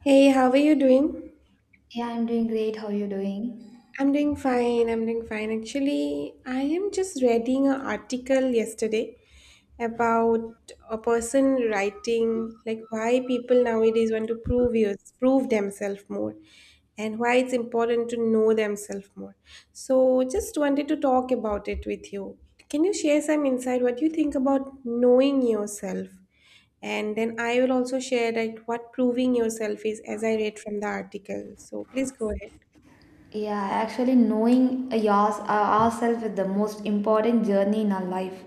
Hey, how are you doing? Yeah, I'm doing great. How are you doing? I'm doing fine. I'm doing fine. Actually, I am just reading an article yesterday about a person writing, like, why people nowadays want to prove themselves more, and why it's important to know themselves more. So just wanted to talk about it with you. Can you share some insight what you think about knowing yourself, and then I will also share like what proving yourself is as I read from the article. So please go ahead. Yeah, actually, knowing ourselves is the most important journey in our life.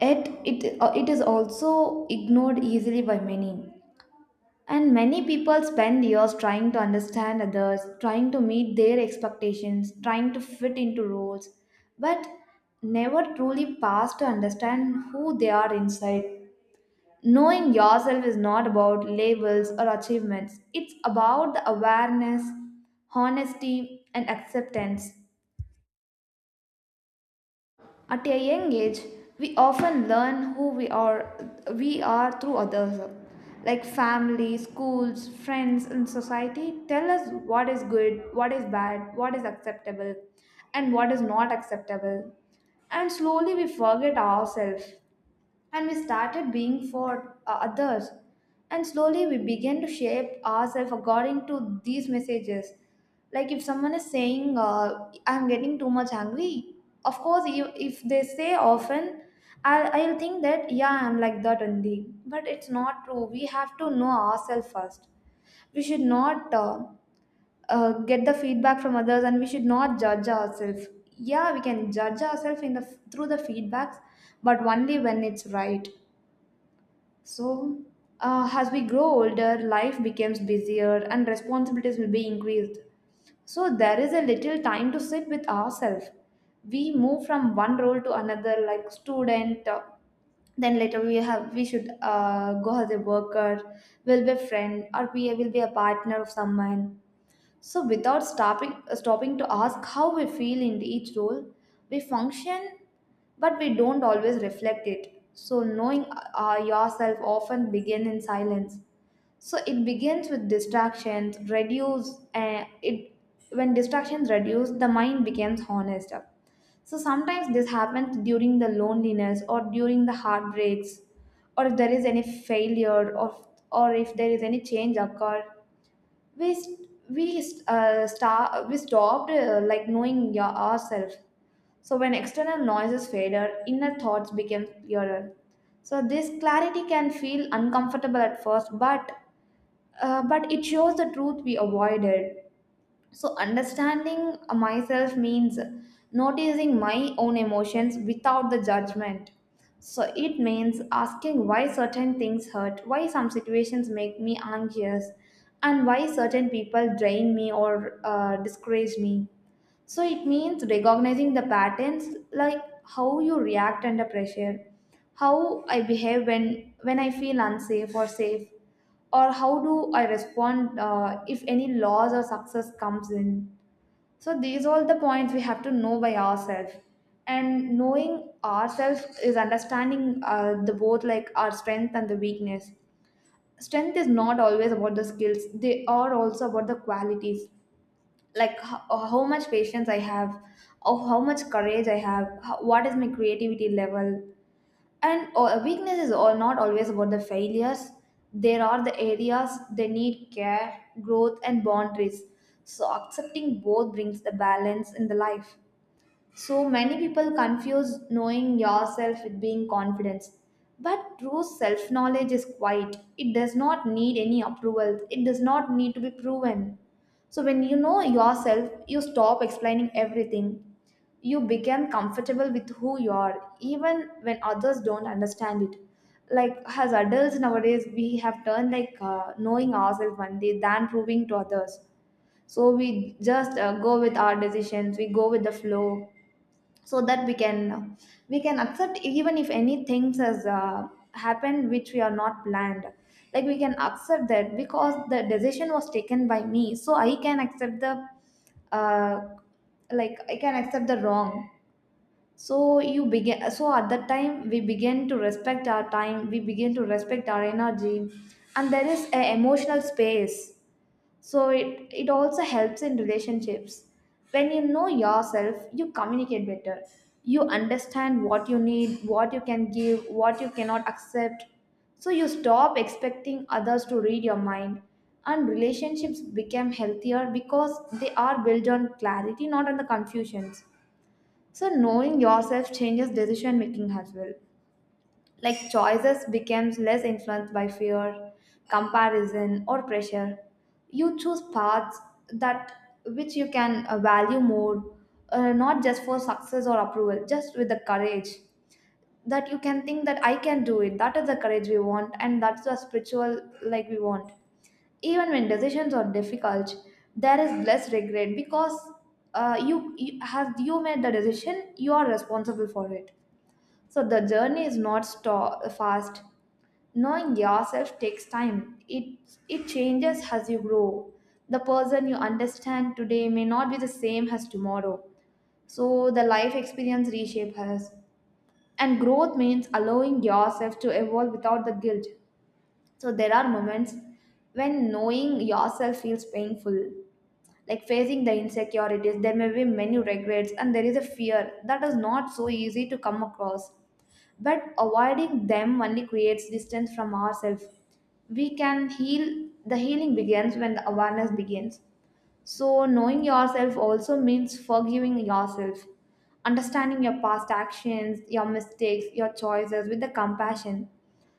Yet, it is also ignored easily by many. And many people spend years trying to understand others, trying to meet their expectations, trying to fit into roles, but never truly pass to understand who they are inside. Knowing yourself is not about labels or achievements, it's about the awareness, honesty, and acceptance. At a young age, we often learn who we are through others. Like family, schools, friends, and society tell us what is good, what is bad, what is acceptable, and what is not acceptable. And slowly we forget ourselves. And we started being for others. And slowly we began to shape ourselves according to these messages. Like if someone is saying, I'm getting too much hungry, of course, if they say often, I'll think that, yeah, I'm like that only. But it's not true. We have to know ourselves first. We should not get the feedback from others and we should not judge ourselves. Yeah, we can judge ourselves in the, through the feedbacks, but only when it's right. So, as we grow older, life becomes busier and responsibilities will be increased. So, there is a little time to sit with ourselves. We move from one role to another, like student. Then later we should go as a worker, will be a friend, or we will be a partner of someone. So, without stopping to ask how we feel in each role, we function, but we don't always reflect it. So, knowing yourself often begins in silence. So, it begins with distractions, reduce, and it when distractions reduce, the mind becomes honest. So, sometimes this happens during the loneliness or during the heartbreaks, or if there is any failure, or if there is any change occur we st- we star- we stopped like knowing your ourselves. So when external noises faded, inner thoughts became clearer. So this clarity can feel uncomfortable at first, but it shows the truth we avoided. So, understanding myself means noticing my own emotions without the judgment. So, it means asking why certain things hurt, why some situations make me anxious, and why certain people drain me or discourage me. So it means recognizing the patterns, like how you react under pressure, how I behave when I feel unsafe or safe, or how do I respond if any loss or success comes in. So these all the points we have to know by ourselves. And knowing ourselves is understanding the both, like our strength and the weakness. Strength is not always about the skills; they are also about the qualities, like how much patience I have, or how much courage I have, how, what is my creativity level. And weaknesses are not always about the failures. There are the areas they need care, growth, and boundaries. So accepting both brings the balance in the life. So many people confuse knowing yourself with being confidence. But true self knowledge is quiet. It does not need any approval, it does not need to be proven. So when you know yourself, you stop explaining everything. You become comfortable with who you are, even when others don't understand it. Like as adults nowadays, we have turned like knowing ourselves one day than proving to others. So we just go with our decisions, we go with the flow, so that we can accept even if any things has happened which we are not planned. Like we can accept that, because the decision was taken by me, so I can accept the uh, I can accept the wrong. So you begin so at that time we begin to respect our time, we begin to respect our energy, and there is a emotional space. So it also helps in relationships. When you know yourself, you communicate better. You understand what you need, what you can give, what you cannot accept. So you stop expecting others to read your mind, and relationships become healthier because they are built on clarity, not on the confusions. So knowing yourself changes decision making as well. Like choices becomes less influenced by fear, comparison, or pressure. You choose paths that which you can value more, not just for success or approval, just with the courage, that you can think that I can do it. That is the courage we want, and that's the spiritual like we want. Even when decisions are difficult, there is less regret, because you made the decision, you are responsible for it. So the journey is not fast. Knowing yourself takes time. It changes as you grow. The person you understand today may not be the same as tomorrow. So the life experience reshapes us. And growth means allowing yourself to evolve without the guilt. So there are moments when knowing yourself feels painful, like facing the insecurities. There may be many regrets, and there is a fear that is not so easy to come across. But avoiding them only creates distance from ourselves. We can heal. The healing begins when the awareness begins. So, knowing yourself also means forgiving yourself, understanding your past actions, your mistakes, your choices with the compassion,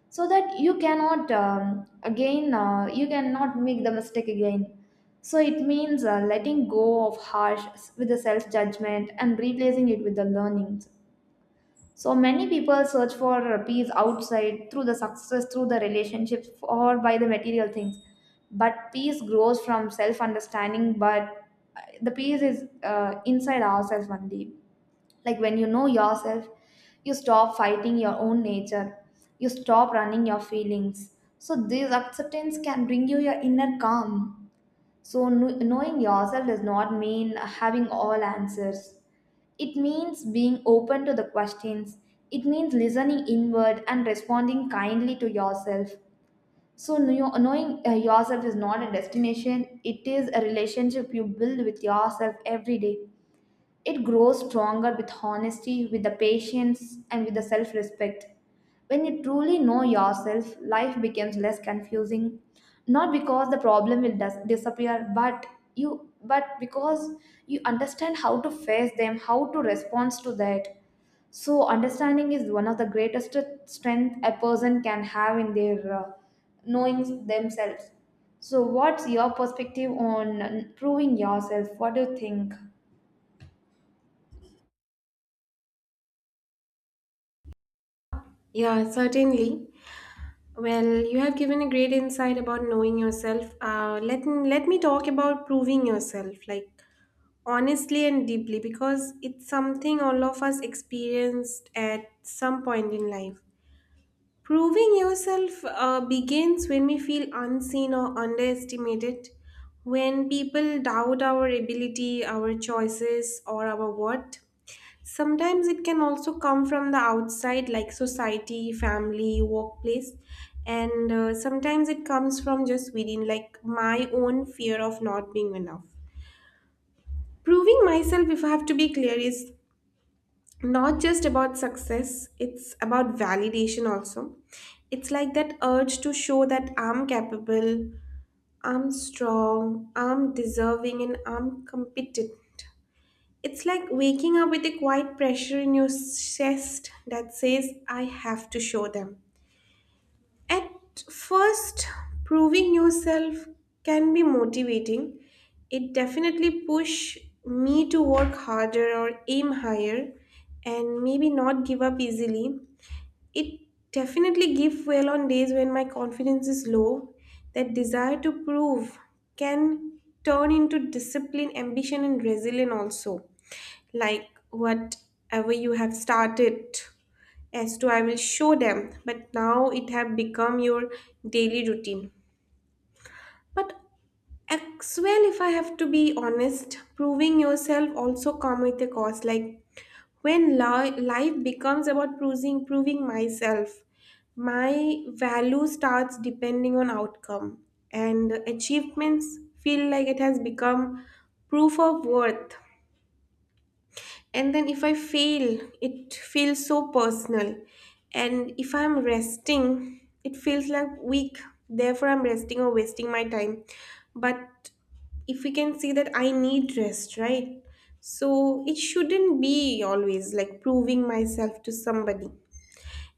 so that you cannot again you cannot make the mistake again. So it means letting go of harsh with the self judgment and replacing it with the learning. So many people search for peace outside, through the success, through the relationships, or by the material things. But peace grows from self understanding, but the peace is inside ourselves only. Like when you know yourself, you stop fighting your own nature, you stop running your feelings. So, this acceptance can bring you your inner calm. So, knowing yourself does not mean having all answers. It means being open to the questions. It means listening inward and responding kindly to yourself. So, knowing yourself is not a destination, it is a relationship you build with yourself every day. It grows stronger with honesty, with the patience, and with the self respect. When you truly know yourself, life becomes less confusing. Not because the problem will disappear, but you but because you understand how to face them, how to respond to that. So understanding is one of the greatest strength a person can have in their knowing themselves. So what's your perspective on proving yourself? What do you think? Yeah, certainly. Well, you have given a great insight about knowing yourself. Let me talk about proving yourself, like, honestly and deeply, because it's something all of us experienced at some point in life. Proving yourself begins when we feel unseen or underestimated, when people doubt our ability, our choices, or our worth. Sometimes it can also come from the outside, like society, family, workplace, and sometimes it comes from just within, like my own fear of not being enough. Proving myself, if I have to be clear, is not just about success, it's about validation also. It's like that urge to show that I'm capable, I'm strong, I'm deserving, and I'm competent. It's like waking up with a quiet pressure in your chest that says, I have to show them. At first, proving yourself can be motivating. It definitely push me to work harder or aim higher, and maybe not give up easily. It definitely give well on days when my confidence is low. That desire to prove can turn into discipline, ambition, and resilience also, like whatever you have started as to, I will show them, but now it have become your daily routine. But as well, if I have to be honest, proving yourself also come with a cost. Like when life becomes about proving myself, my value starts depending on outcome, and achievements feel like it has become proof of worth. And then if I fail, it feels so personal. And if I'm resting, it feels like weak, therefore I'm resting or wasting my time. But if we can see that I need rest, right? So it shouldn't be always like proving myself to somebody.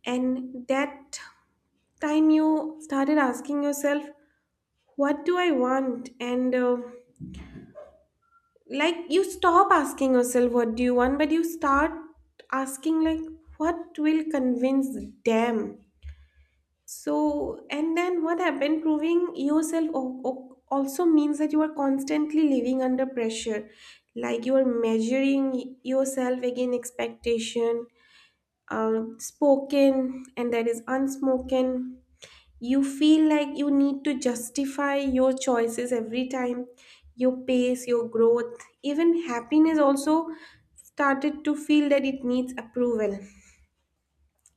And that time you started asking yourself, what do I want? And like, you stop asking yourself what do you want, but you start asking, like, what will convince them. So and then what happened, proving yourself also means that you are constantly living under pressure, like you are measuring yourself against expectation, spoken and that is unspoken. You feel like you need to justify your choices every time, your pace, your growth, even happiness also started to feel that it needs approval.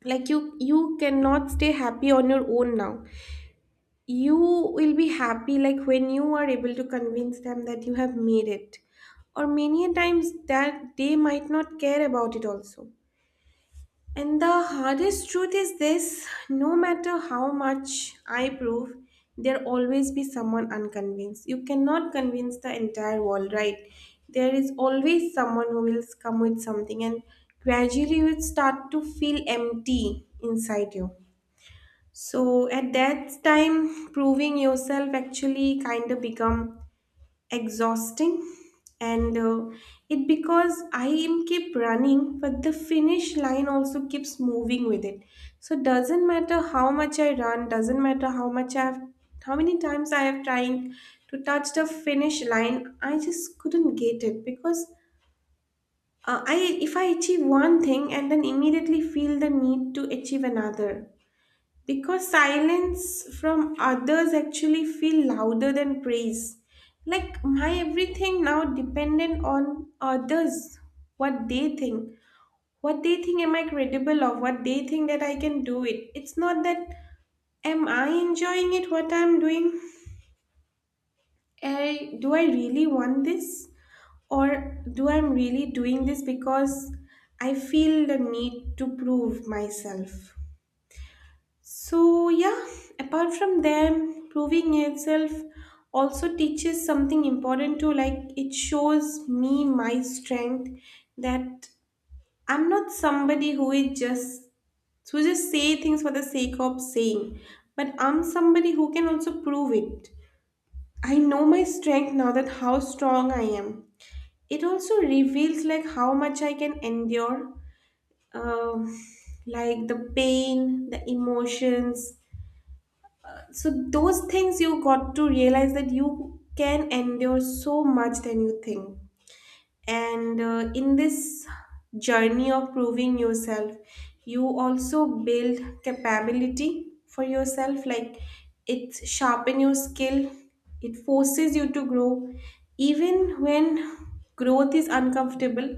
Like you cannot stay happy on your own now. You will be happy like when you are able to convince them that you have made it. Or many a times that they might not care about it also. And the hardest truth is this: no matter how much I prove, there always be someone unconvinced. You cannot convince the entire world, right? There is always someone who will come with something, and gradually you will start to feel empty inside you. So at that time, proving yourself actually kind of become exhausting. And uh, it because I am keep running, but the finish line also keeps moving with it. So doesn't matter how much I run, doesn't matter how much I have, how many times I have tried to touch the finish line, I just couldn't get it. Because I if I achieve one thing and then immediately feel the need to achieve another, because silence from others actually feel louder than praise. Like my everything now dependent on others, what they think, what they think am I credible of, what they think that I can do it. It's not that, am I enjoying it what I'm doing? Do I really want this, or do I'm really doing this because I feel the need to prove myself? So yeah, apart from them, proving itself also teaches something important too. Like, it shows me my strength, that I'm not somebody who is just, who just say things for the sake of saying, but I'm somebody who can also prove it. I know my strength now, that how strong I am. It also reveals like how much I can endure, um, like the pain, the emotions. So those things you got to realize that you can endure so much than you think. And in this journey of proving yourself, you also build capability for yourself. Like, it sharpen your skill, it forces you to grow even when growth is uncomfortable.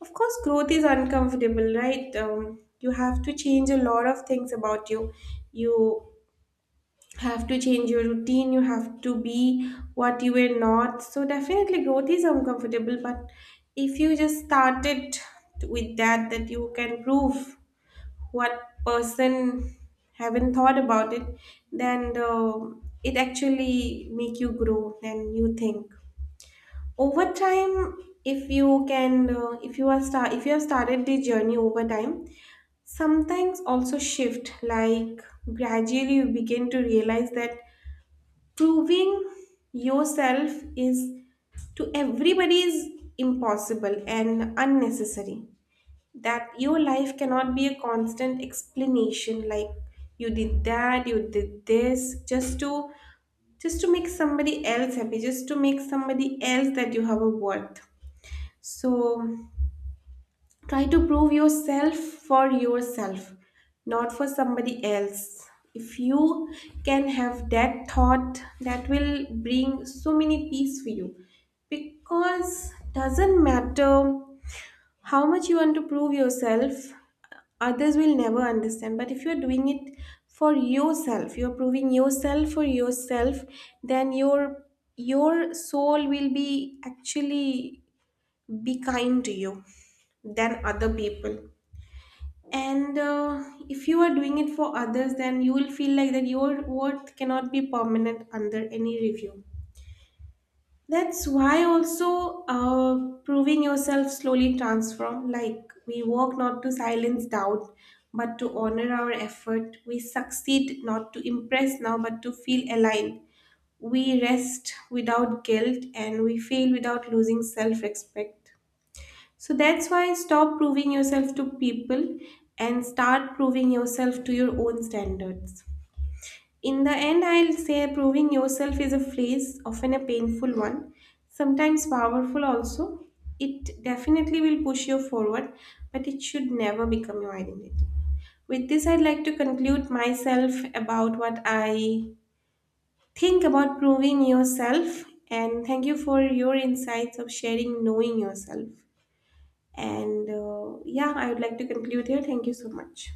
Of course growth is uncomfortable, right? You have to change a lot of things about you, you have to change your routine, you have to be what you were not. So definitely growth is uncomfortable. But if you just started with that, that you can prove what person haven't thought about it, then it actually make you grow. And you think, over time, if you can if you have started the journey, over time sometimes also shift. Like, gradually you begin to realize that proving yourself is, to everybody, is impossible and unnecessary, that your life cannot be a constant explanation. Like, you did that, you did this, just to, just to make somebody else happy, just to make somebody else that you have a worth. So try to prove yourself for yourself, not for somebody else. If you can have that thought, that will bring so many peace for you. Because doesn't matter how much you want to prove yourself, others will never understand. But if you're doing it for yourself, you're proving yourself for yourself, then your soul will be actually be kind to you than other people. And if you are doing it for others, then you will feel like that your worth cannot be permanent under any review. That's why also, proving yourself slowly transform, like we work not to silence doubt, but to honor our effort. We succeed not to impress now, but to feel aligned. We rest without guilt and we fail without losing self-respect. So that's why stop proving yourself to people, and start proving yourself to your own standards. In the end, I'll say proving yourself is a phrase, often a painful one, sometimes powerful also. It definitely will push you forward, but it should never become your identity. With this, I'd like to conclude myself about what I think about proving yourself. And thank you for your insights of sharing knowing yourself. And yeah, I would like to conclude here. Thank you so much.